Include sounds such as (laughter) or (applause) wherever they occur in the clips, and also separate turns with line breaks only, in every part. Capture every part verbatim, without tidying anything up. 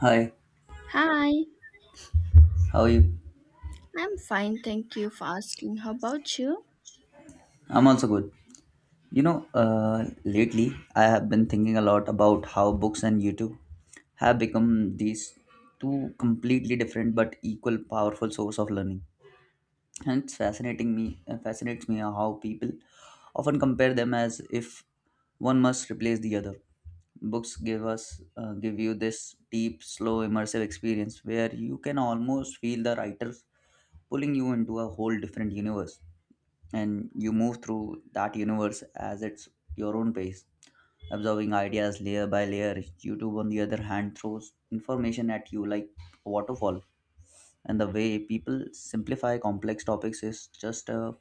Hi,
Hi,
how are you?
I'm fine. Thank you for asking. How about you?
I'm also good. You know, uh, lately I have been thinking a lot about how books and YouTube have become these two completely different but equal powerful source of learning. And it's fascinating me, uh, fascinates me how people often compare them as if one must replace the other. Books give us, uh, give you this deep, slow, immersive experience where you can almost feel the writers pulling you into a whole different universe, and you move through that universe as its your own pace absorbing ideas layer by layer. YouTube on the other hand throws information at you like a waterfall, and the way people simplify complex topics is just a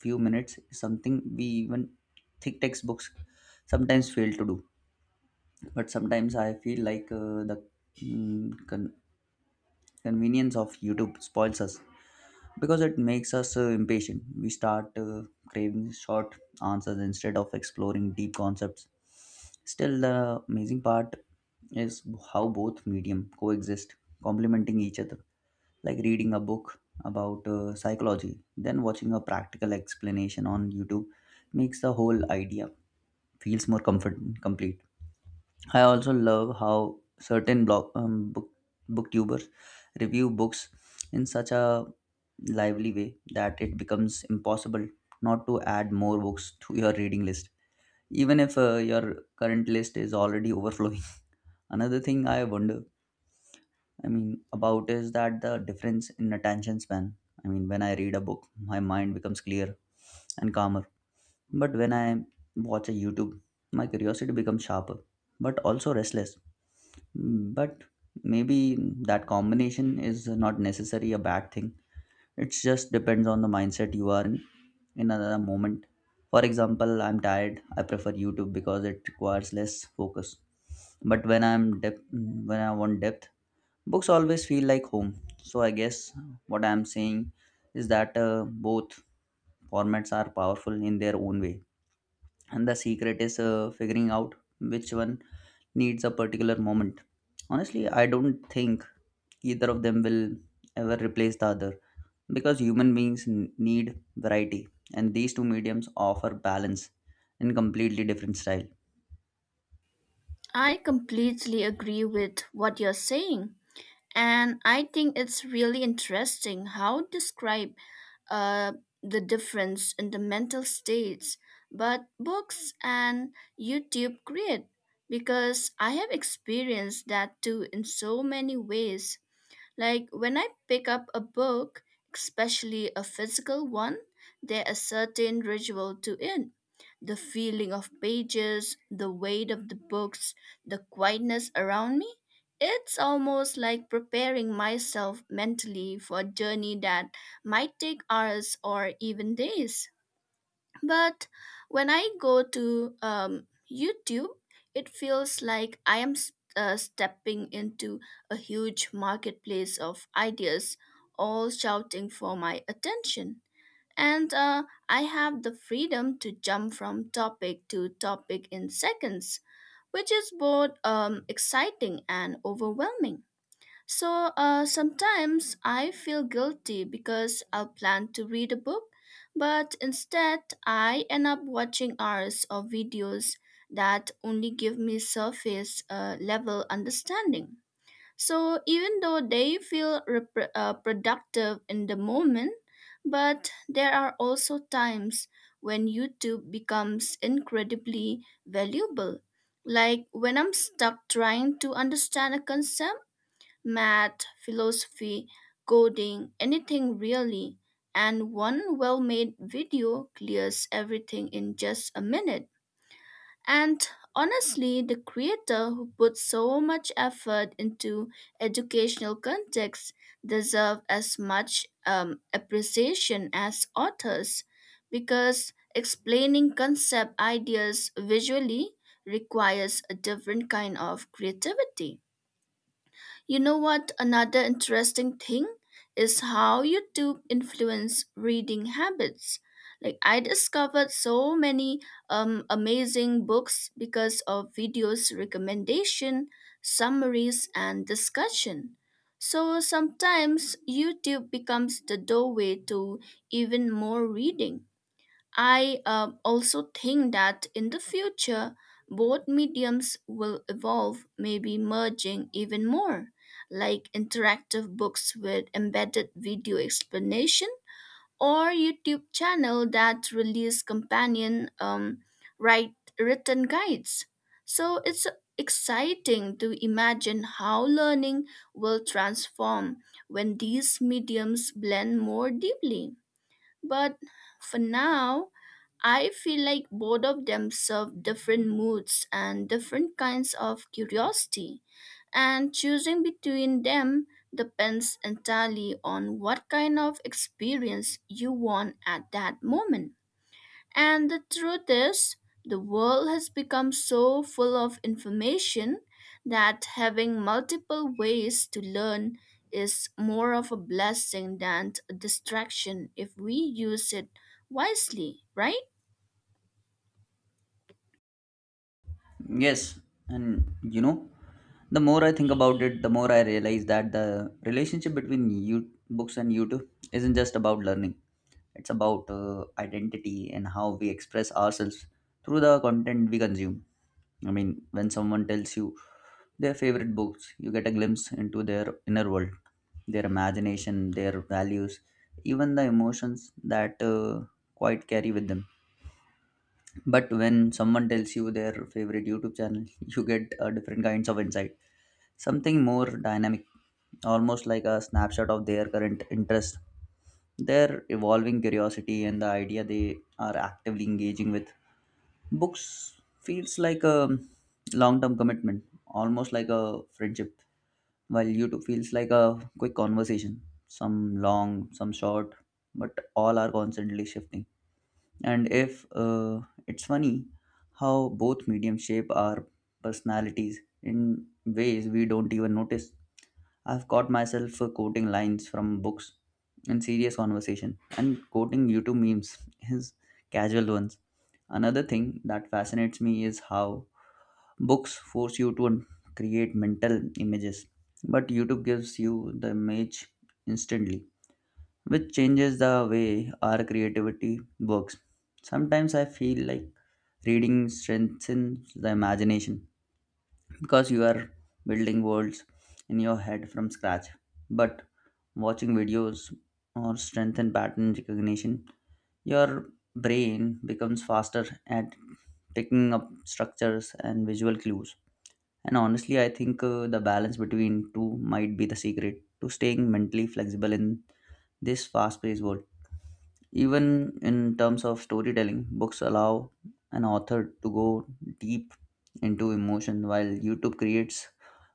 few minutes is something we even thick textbooks sometimes fail to do. But sometimes I feel like uh, the mm, con- convenience of YouTube spoils us because it makes us uh, impatient. We start uh, craving short answers instead of exploring deep concepts. Still, the amazing part is how both medium coexist, complementing each other. Like reading a book about uh, psychology, then watching a practical explanation on YouTube makes the whole idea feels more comfort complete. I also love how certain blog um, book, booktubers review books in such a lively way that it becomes impossible not to add more books to your reading list, even if uh, your current list is already overflowing. (laughs) Another thing I wonder, I mean, about is that the difference in attention span. I mean, when I read a book, my mind becomes clear and calmer, but when I watch a YouTube, my curiosity becomes sharper but also restless, but maybe that combination is not necessarily a bad thing. It just depends on the mindset you are in in another moment. For example, I'm tired. I prefer YouTube because it requires less focus. But when I'm depth, when I want depth, books always feel like home. So I guess what I'm saying is that uh, both formats are powerful in their own way, and the secret is uh, figuring out which one needs a particular moment. Honestly, I don't think either of them will ever replace the other because human beings n- need variety, and these two mediums offer balance in completely different style.
I completely agree with what you're saying. And I think it's really interesting how to describe uh, the difference in the mental states but books and YouTube create because I have experienced that too in so many ways. Like when I pick up a book, especially a physical one, there is certain ritual to it. The feeling of pages, the weight of the books, the quietness around me. It's almost like preparing myself mentally for a journey that might take hours or even days. But when I go to um, YouTube, it feels like I am s- uh, stepping into a huge marketplace of ideas, all shouting for my attention. And uh, I have the freedom to jump from topic to topic in seconds, which is both um, exciting and overwhelming. So uh, sometimes I feel guilty because I'll plan to read a book, but instead I end up watching hours of videos that only give me surface uh, level understanding. So even though they feel repr uh, productive in the moment, but there are also times when YouTube becomes incredibly valuable. Like when I'm stuck trying to understand a concept math, philosophy, coding, anything really. And one well made video clears everything in just a minute. And honestly, the creator who put so much effort into educational context deserve as much um, appreciation as authors because explaining concept ideas visually requires a different kind of creativity. You know what? Another interesting thing is how YouTube influence reading habits. Like I discovered so many um, amazing books because of videos recommendation, summaries, and discussion. So sometimes YouTube becomes the doorway to even more reading. I um, also think that in the future, both mediums will evolve, maybe merging even more, like interactive books with embedded video explanation or YouTube channel that release companion um, write written guides. So it's exciting to imagine how learning will transform when these mediums blend more deeply. But for now, I feel like both of them serve different moods and different kinds of curiosity, and choosing between them depends entirely on what kind of experience you want at that moment. And the truth is, the world has become so full of information that having multiple ways to learn is more of a blessing than a distraction if we use it wisely, right?
Yes, and you know, the more I think about it, the more I realize that the relationship between you books and YouTube isn't just about learning. It's about uh, identity and how we express ourselves through the content we consume. I mean, when someone tells you their favorite books, you get a glimpse into their inner world, their imagination, their values, even the emotions that uh, quite carry with them. But when someone tells you their favorite YouTube channel, (laughs) you get uh, different kinds of insight, something more dynamic, almost like a snapshot of their current interest, their evolving curiosity, and the idea they are actively engaging with. Books feels like a long-term commitment, almost like a friendship, while YouTube feels like a quick conversation, some long, some short, but all are constantly shifting. And if uh, it's funny how both mediums shape our personalities in ways we don't even notice. I've caught myself uh, quoting lines from books in serious conversation and quoting YouTube memes, (laughs) is casual ones. Another thing that fascinates me is how books force you to create mental images, but YouTube gives you the image instantly, which changes the way our creativity works. Sometimes I feel like reading strengthens the imagination because you are building worlds in your head from scratch, but watching videos or strengthen pattern recognition. Your brain becomes faster at picking up structures and visual clues. And honestly, I think uh, the balance between two might be the secret to staying mentally flexible in this fast paced world. Even in terms of storytelling, books allow an author to go deep into emotion, while YouTube creates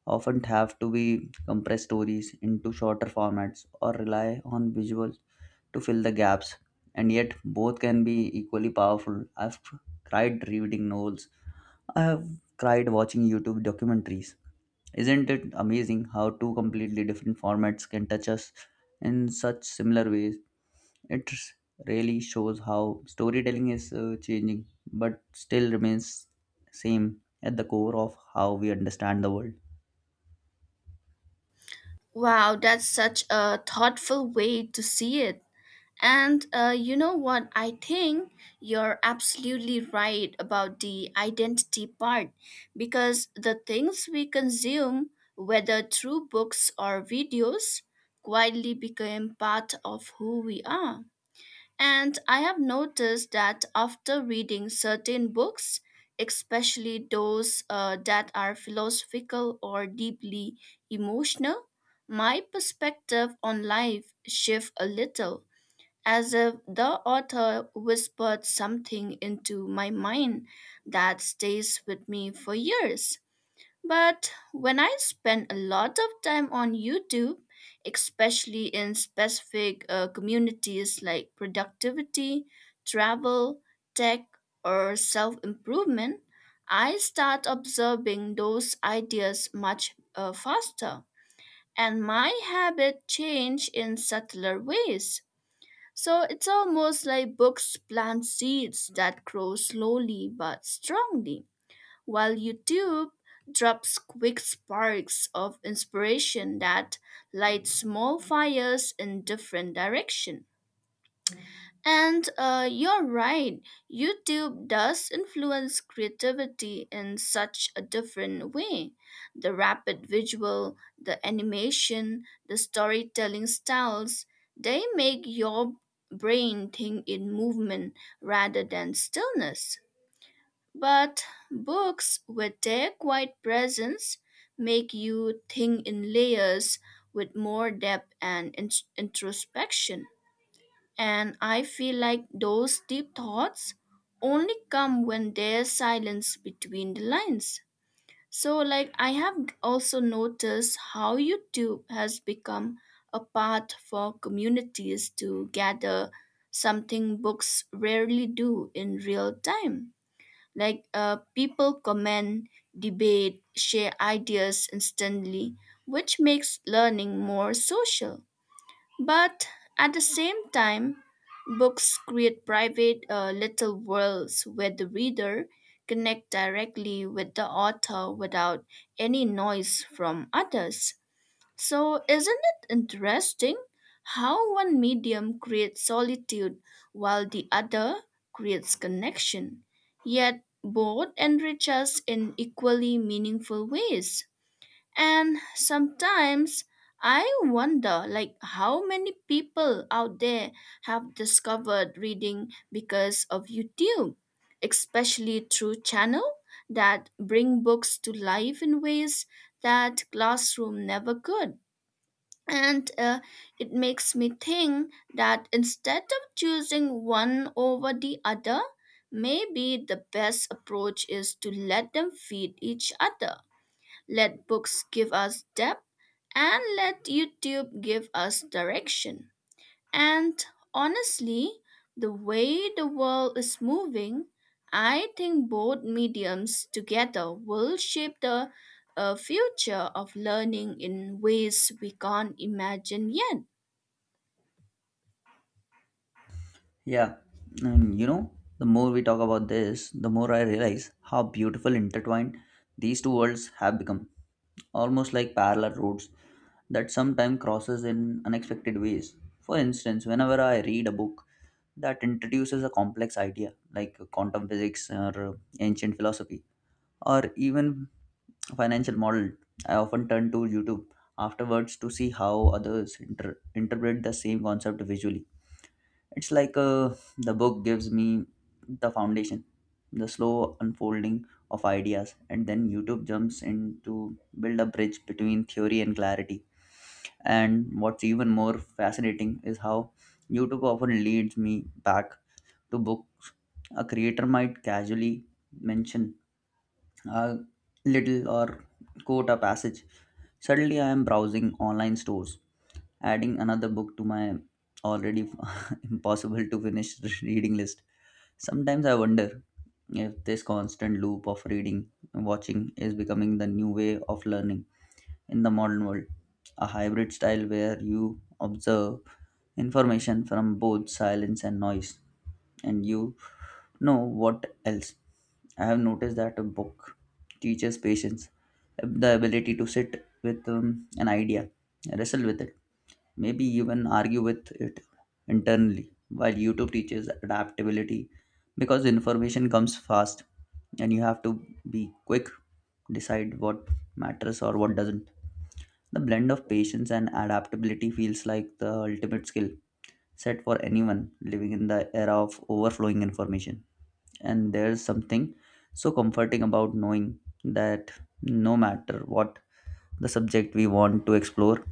often have to be compressed stories into shorter formats or rely on visuals to fill the gaps. And yet, both can be equally powerful. I've cried reading novels, I have cried watching YouTube documentaries. Isn't it amazing how two completely different formats can touch us in such similar ways? It really shows how storytelling is uh, changing but still remains same at the core of how we understand the world.
Wow, that's such a thoughtful way to see it. And uh, you know what? I think you're absolutely right about the identity part because the things we consume, whether through books or videos, quietly become part of who we are. And I have noticed that after reading certain books, especially those uh, that are philosophical or deeply emotional, my perspective on life shifts a little, as if the author whispered something into my mind that stays with me for years. But when I spend a lot of time on YouTube, especially in specific uh, communities like productivity, travel, tech, or self improvement, I start observing those ideas much uh, faster. And my habit change in subtler ways. So it's almost like books plant seeds that grow slowly but strongly while YouTube drops quick sparks of inspiration that light small fires in different direction. And uh, you're right, YouTube does influence creativity in such a different way. The rapid visual, the animation, the storytelling styles, they make your brain think in movement rather than stillness. But books with their quiet presence make you think in layers with more depth and in- introspection. And I feel like those deep thoughts only come when there's silence between the lines. So, like, I have also noticed how YouTube has become a path for communities to gather something books rarely do in real time. Like uh, people comment, debate, share ideas instantly, which makes learning more social. But at the same time, books create private uh, little worlds where the reader connect directly with the author without any noise from others. So, isn't it interesting how one medium creates solitude while the other creates connection? Yet both enrich us in equally meaningful ways. And sometimes I wonder like how many people out there have discovered reading because of YouTube, especially through channel that bring books to life in ways that classroom never could, and uh, it makes me think that instead of choosing one over the other, maybe the best approach is to let them feed each other. Let books give us depth and let youtube give us direction. And honestly, the way the world is moving, I think both mediums together will shape the uh, future of learning in ways we can't imagine yet.
Yeah, and you know, the more we talk about this, the more I realize how beautiful intertwined these two worlds have become, almost like parallel roads that sometimes crosses in unexpected ways. For instance, whenever I read a book that introduces a complex idea like quantum physics or ancient philosophy or even financial model, I often turn to YouTube afterwards to see how others inter- interpret the same concept visually. It's like uh, the book gives me the foundation, the slow unfolding of ideas, and then YouTube jumps in to build a bridge between theory and clarity. And what's even more fascinating is how YouTube often leads me back to books. A creator might casually mention a little or quote a passage. Suddenly, I am browsing online stores, adding another book to my already (laughs) impossible to finish (laughs) reading list. Sometimes I wonder if this constant loop of reading and watching is becoming the new way of learning in the modern world. A hybrid style where you observe information from both silence and noise, and you know what else. I have noticed that a book teaches patience, the ability to sit with um, an idea, wrestle with it, maybe even argue with it internally, while YouTube teaches adaptability because information comes fast and you have to be quick decide what matters or what doesn't. The blend of patience and adaptability feels like the ultimate skill set for anyone living in the era of overflowing information. And there's something so comforting about knowing that no matter what the subject we want to explore,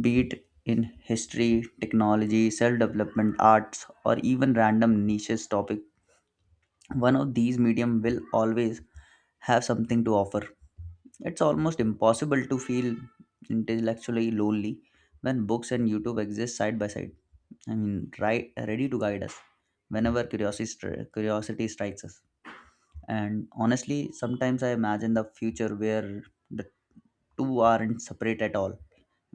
be it in history, technology, self development, arts, or even random niches topic. One of these medium will always have something to offer. It's almost impossible to feel intellectually lonely when books and YouTube exist side by side. I mean, right, ready to guide us whenever curiosity stri- curiosity strikes us. And honestly, sometimes I imagine the future where the two aren't separate at all. I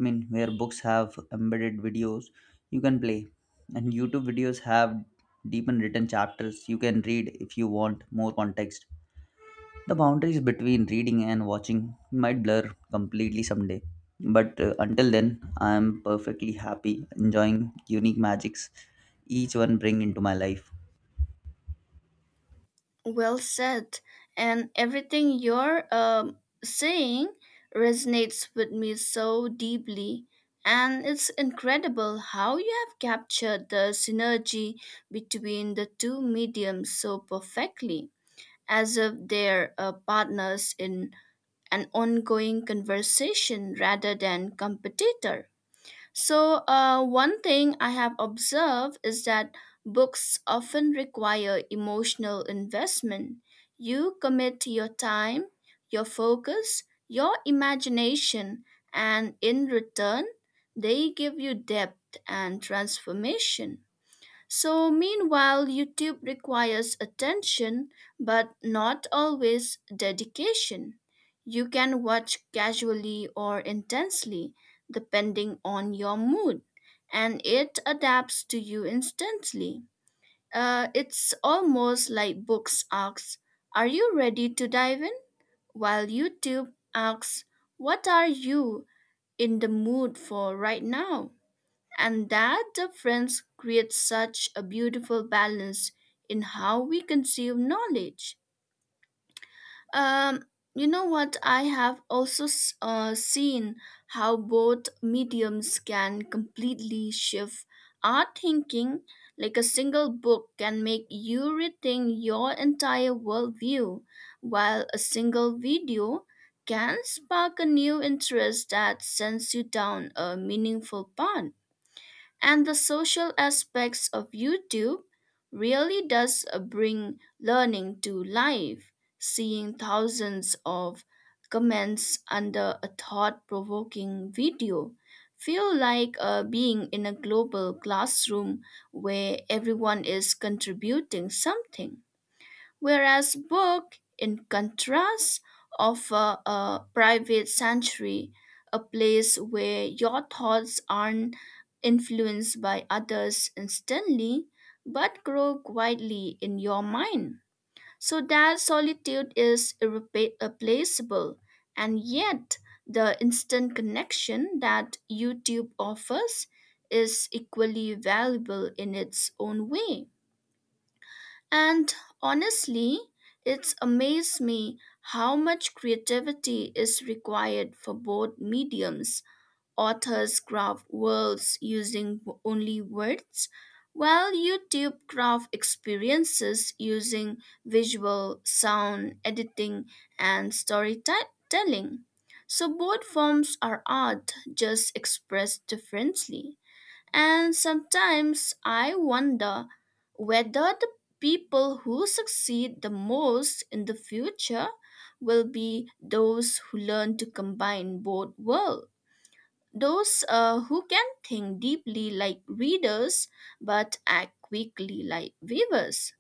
mean, where books have embedded videos you can play, and YouTube videos have deep and written chapters you can read if you want more context. The boundaries between reading and watching might blur completely someday, but uh, until then, I am perfectly happy enjoying unique magics each one bring into my life.
Well said. And everything you're um, saying resonates with me so deeply. And it's incredible how you have captured the synergy between the two mediums so perfectly, as if they're uh, partners in an ongoing conversation rather than competitor. So, uh, one thing I have observed is that books often require emotional investment. You commit your time, your focus, your imagination, and in return, they give you depth and transformation. So, meanwhile, YouTube requires attention but not always dedication. You can watch casually or intensely, depending on your mood, and it adapts to you instantly. Uh, it's almost like books asks, are you ready to dive in? While YouTube asks, what are you in the mood for right now? And that difference creates such a beautiful balance in how we conceive knowledge. Um, you know what? I have also s- uh, seen how both mediums can completely shift our thinking. Like a single book can make you rethink your entire worldview, while a single video can spark a new interest that sends you down a meaningful path, and the social aspects of YouTube really does uh, bring learning to life. Seeing thousands of comments under a thought-provoking video feel like uh, being in a global classroom where everyone is contributing something. Whereas book, in contrast, offer a private sanctuary, a place where your thoughts aren't influenced by others instantly, but grow quietly in your mind. So that solitude is irrepa- irreplaceable, and yet the instant connection that YouTube offers is equally valuable in its own way. And honestly, it's amazed me how much creativity is required for both mediums. Authors craft worlds using w- only words, while YouTube craft experiences using visual, sound, editing, and storytelling. So both forms are art, just expressed differently. And sometimes I wonder whether the people who succeed the most in the future will be those who learn to combine both worlds. Those uh, who can think deeply like readers but act quickly like weavers.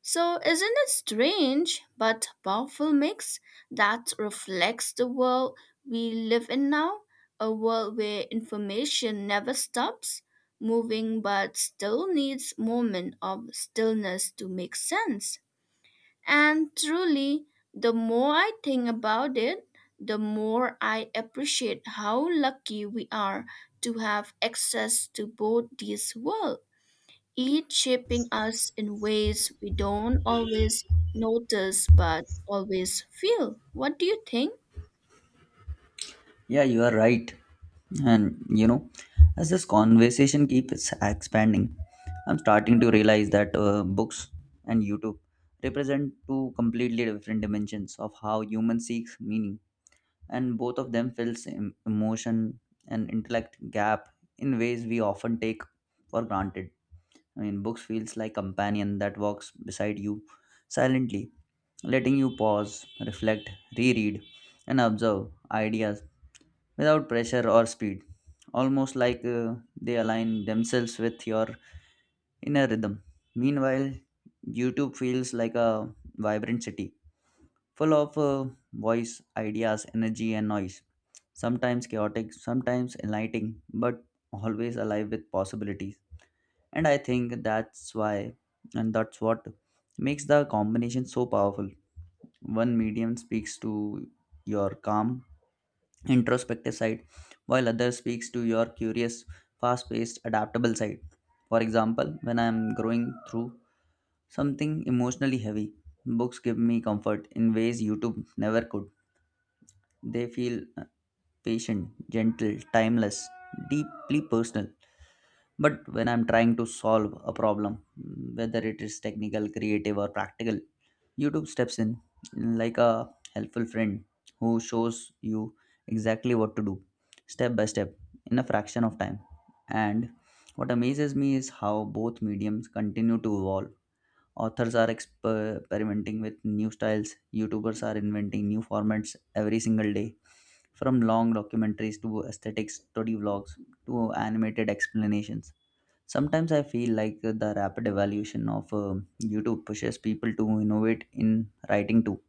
So, isn't it strange but powerful mix that reflects the world we live in now? A world where information never stops moving but still needs moment of stillness to make sense. And truly, the more I think about it, the more I appreciate how lucky we are to have access to both these worlds, each shaping us in ways we don't always notice but always feel. What do you think?
Yeah, you are right. And you know, as this conversation keeps expanding, I'm starting to realize that uh, books and YouTube represent two completely different dimensions of how human seeks meaning, and both of them fills em- emotion and intellect gap in ways we often take for granted. I mean, books feels like companion that walks beside you silently, letting you pause, reflect, reread, and observe ideas without pressure or speed, almost like uh, they align themselves with your inner rhythm. Meanwhile, YouTube feels like a vibrant city, full of uh, voice, ideas, energy, and noise. Sometimes chaotic, sometimes enlightening, but always alive with possibilities. And I think that's why, and that's what makes the combination so powerful. One medium speaks to your calm introspective side, while others speaks to your curious, fast-paced, adaptable side. For example, when I am growing through something emotionally heavy, books give me comfort in ways YouTube never could. They feel uh, patient, gentle, timeless, deeply personal. But when I'm trying to solve a problem, whether it is technical, creative, or practical, YouTube steps in like a helpful friend who shows you exactly what to do step by step in a fraction of time. And what amazes me is how both mediums continue to evolve. Authors are exper- experimenting with new styles, YouTubers are inventing new formats every single day, from long documentaries to aesthetic study vlogs to animated explanations. Sometimes I feel like the rapid evolution of uh, YouTube pushes people to innovate in writing too,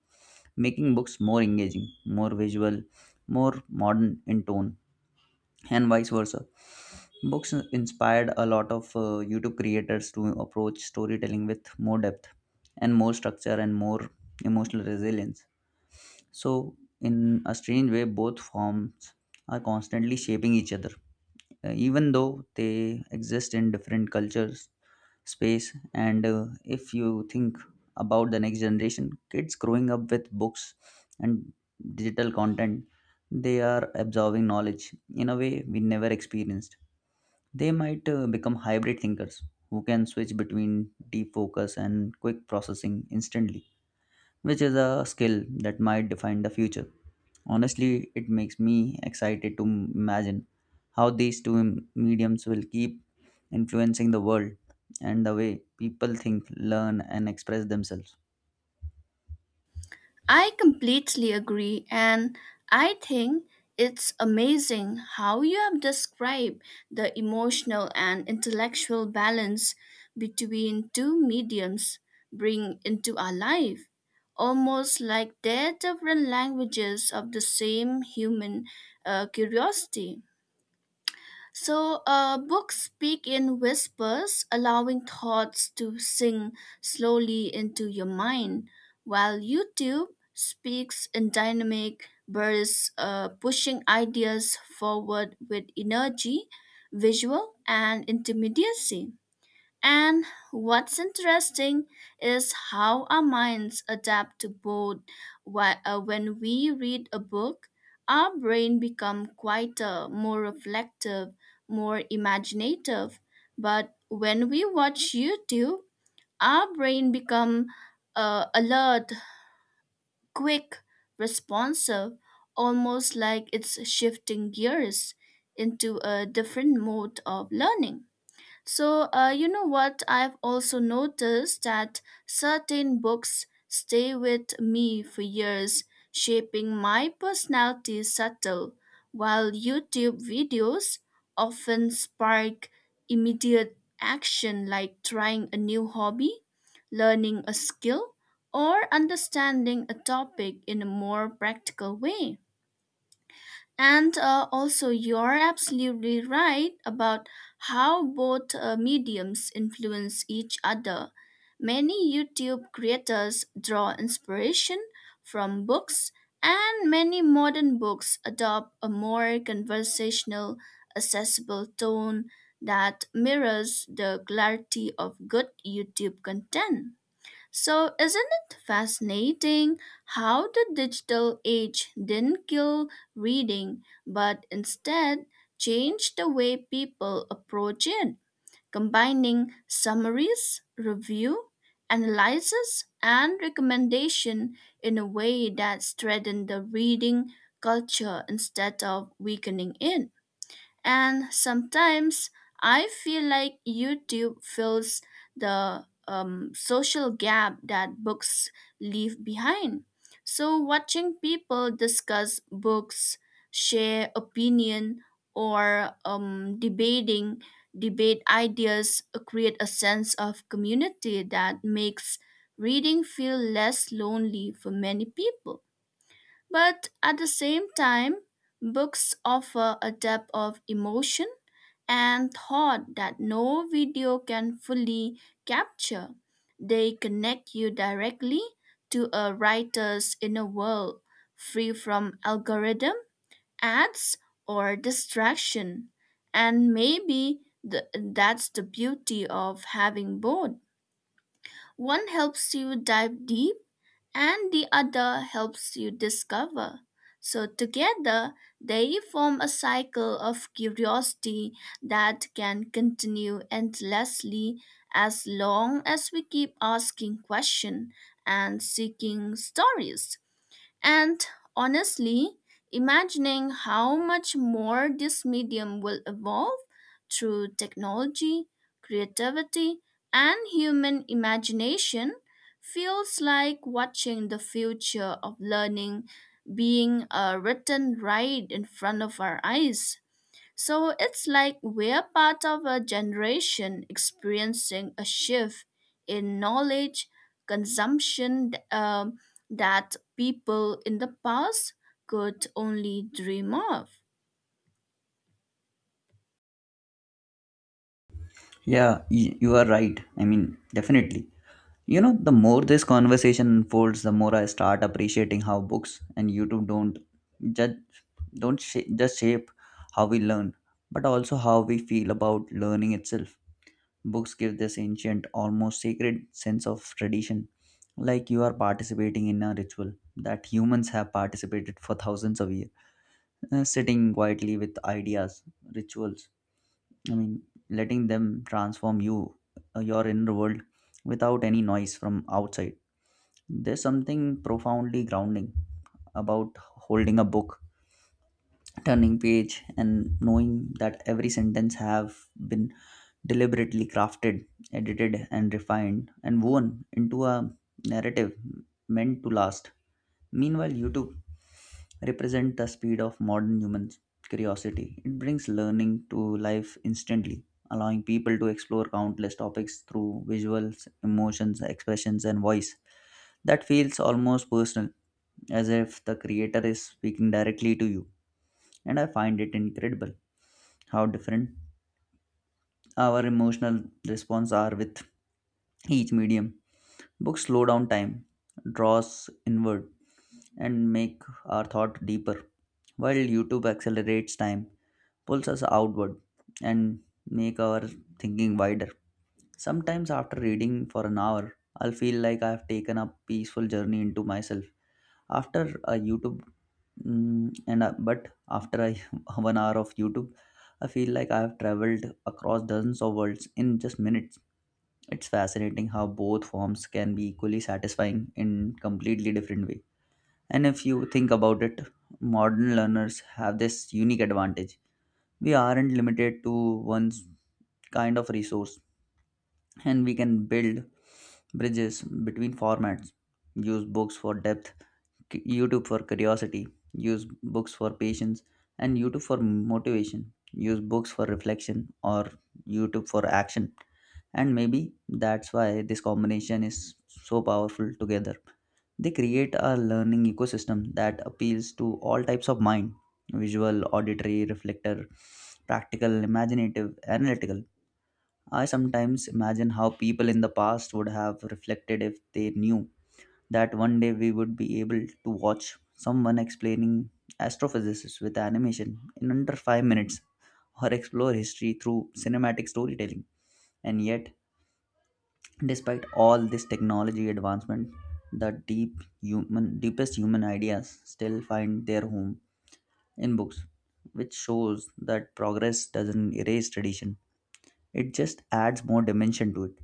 making books more engaging, more visual, more modern in tone, and vice versa. Books inspired a lot of uh, YouTube creators to approach storytelling with more depth and more structure and more emotional resilience. So, in a strange way, both forms are constantly shaping each other uh, even though they exist in different cultures space. And uh, if you think about the next generation kids growing up with books and digital content, they are absorbing knowledge in a way we never experienced. They might uh, become hybrid thinkers who can switch between deep focus and quick processing instantly, which is a skill that might define the future. Honestly, it makes me excited to imagine how these two mediums will keep influencing the world and the way people think, learn, and express themselves.
I completely agree, and I think it's amazing how you have described the emotional and intellectual balance between two mediums bring into our life, almost like they're different languages of the same human uh, curiosity. So, uh, books speak in whispers, allowing thoughts to sink slowly into your mind, while YouTube speaks in dynamic bursts, uh, pushing ideas forward with energy, visual, and intermediacy. And what's interesting is how our minds adapt to both. Wh- uh, When we read a book, our brain becomes quieter, more reflective, more imaginative. But when we watch YouTube, our brain becomes uh, alert, quick, responsive, almost like it's shifting gears into a different mode of learning. So, uh, you know what? I've also noticed that certain books stay with me for years, shaping my personality subtle, while YouTube videos often spark immediate action like trying a new hobby, learning a skill, or understanding a topic in a more practical way. And uh, also, you're absolutely right about how both uh, mediums influence each other. Many YouTube creators draw inspiration from books, and many modern books adopt a more conversational, accessible tone that mirrors the clarity of good YouTube content. So, isn't it fascinating how the digital age didn't kill reading, but instead changed the way people approach it, combining summaries, review, analysis, and recommendation in a way that strengthened the reading culture instead of weakening it? And sometimes I feel like YouTube fills the um, social gap that books leave behind. So, watching people discuss books, share opinion, or um, debating debate ideas create a sense of community that makes reading feel less lonely for many people. But at the same time, books offer a depth of emotion and thought that no video can fully capture. They connect you directly to a writer's inner world, free from algorithm, ads, or distraction. And maybe the, that's the beauty of having both. One helps you dive deep and the other helps you discover. So, together, they form a cycle of curiosity that can continue endlessly as long as we keep asking questions and seeking stories. And honestly, imagining how much more this medium will evolve through technology, creativity, and human imagination feels like watching the future of learning being uh, written right in front of our eyes. So it's like we're part of a generation experiencing a shift in knowledge consumption um, that people in the past could only dream of.
Yeah, y- you are right. I mean, definitely. You know, the more this conversation unfolds, the more I start appreciating how books and YouTube don't judge, don't sh- just shape how we learn, but also how we feel about learning itself. Books give this ancient, almost sacred sense of tradition, like you are participating in a ritual that humans have participated for thousands of years. Uh, sitting quietly with ideas, rituals. I mean, letting them transform you, uh, your inner world, without any noise from outside. There's something profoundly grounding about holding a book turning page and knowing that every sentence have been deliberately crafted, edited and refined and woven into a narrative meant to last. Meanwhile, YouTube represent the speed of modern humans curiosity. It brings learning to life instantly, allowing people to explore countless topics through visuals emotions expressions and voice that feels almost personal, as if the creator is speaking directly to you. And I find it incredible how different our emotional response are with each medium. Books slow down time, draw us inward, and make our thought deeper, while YouTube accelerates time, pulls us outward, and make our thinking wider. Sometimes after reading for an hour, I'll feel like I've taken a peaceful journey into myself. After a YouTube, Mm, and uh, but after I (laughs) one hour of YouTube, I feel like I have traveled across dozens of worlds in just minutes. It's fascinating how both forms can be equally satisfying in completely different way. And if you think about it, modern learners have this unique advantage. We aren't limited to one kind of resource, and we can build bridges between formats, use books for depth, K- YouTube for curiosity, use books for patience, and YouTube for motivation. Use books for reflection or YouTube for action. And maybe that's why this combination is so powerful together. They create a learning ecosystem that appeals to all types of mind visual, auditory, reflector, practical, imaginative, analytical. I sometimes imagine how people in the past would have reflected if they knew that one day we would be able to watch someone explaining astrophysics with animation in under five minutes or explore history through cinematic storytelling. And yet, despite all this technology advancement, the deep human deepest human ideas still find their home in books, which shows that progress doesn't erase tradition. It just adds more dimension to it.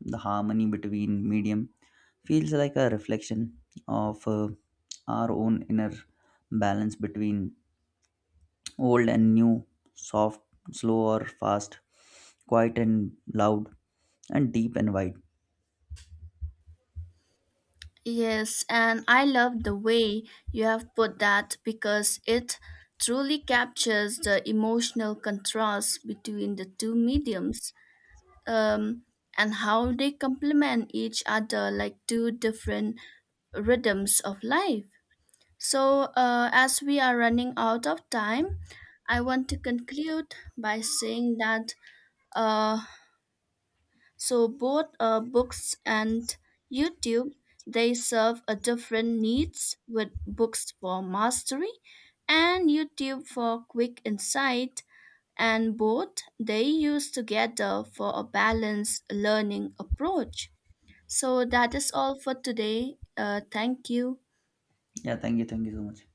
The harmony between medium feels like a reflection of uh, our own inner balance between old and new, soft, slow or fast, quiet and loud, and deep and wide.
Yes, and I love the way you have put that because it truly captures the emotional contrast between the two mediums um, and how they complement each other like two different rhythms of life. So, uh, as we are running out of time, I want to conclude by saying that uh, so both uh, books and YouTube they serve a different needs with books for mastery and YouTube for quick insight and both they use together for a balanced learning approach. So that is all for today. Uh, thank you.
Yeah, thank you, thank you so much.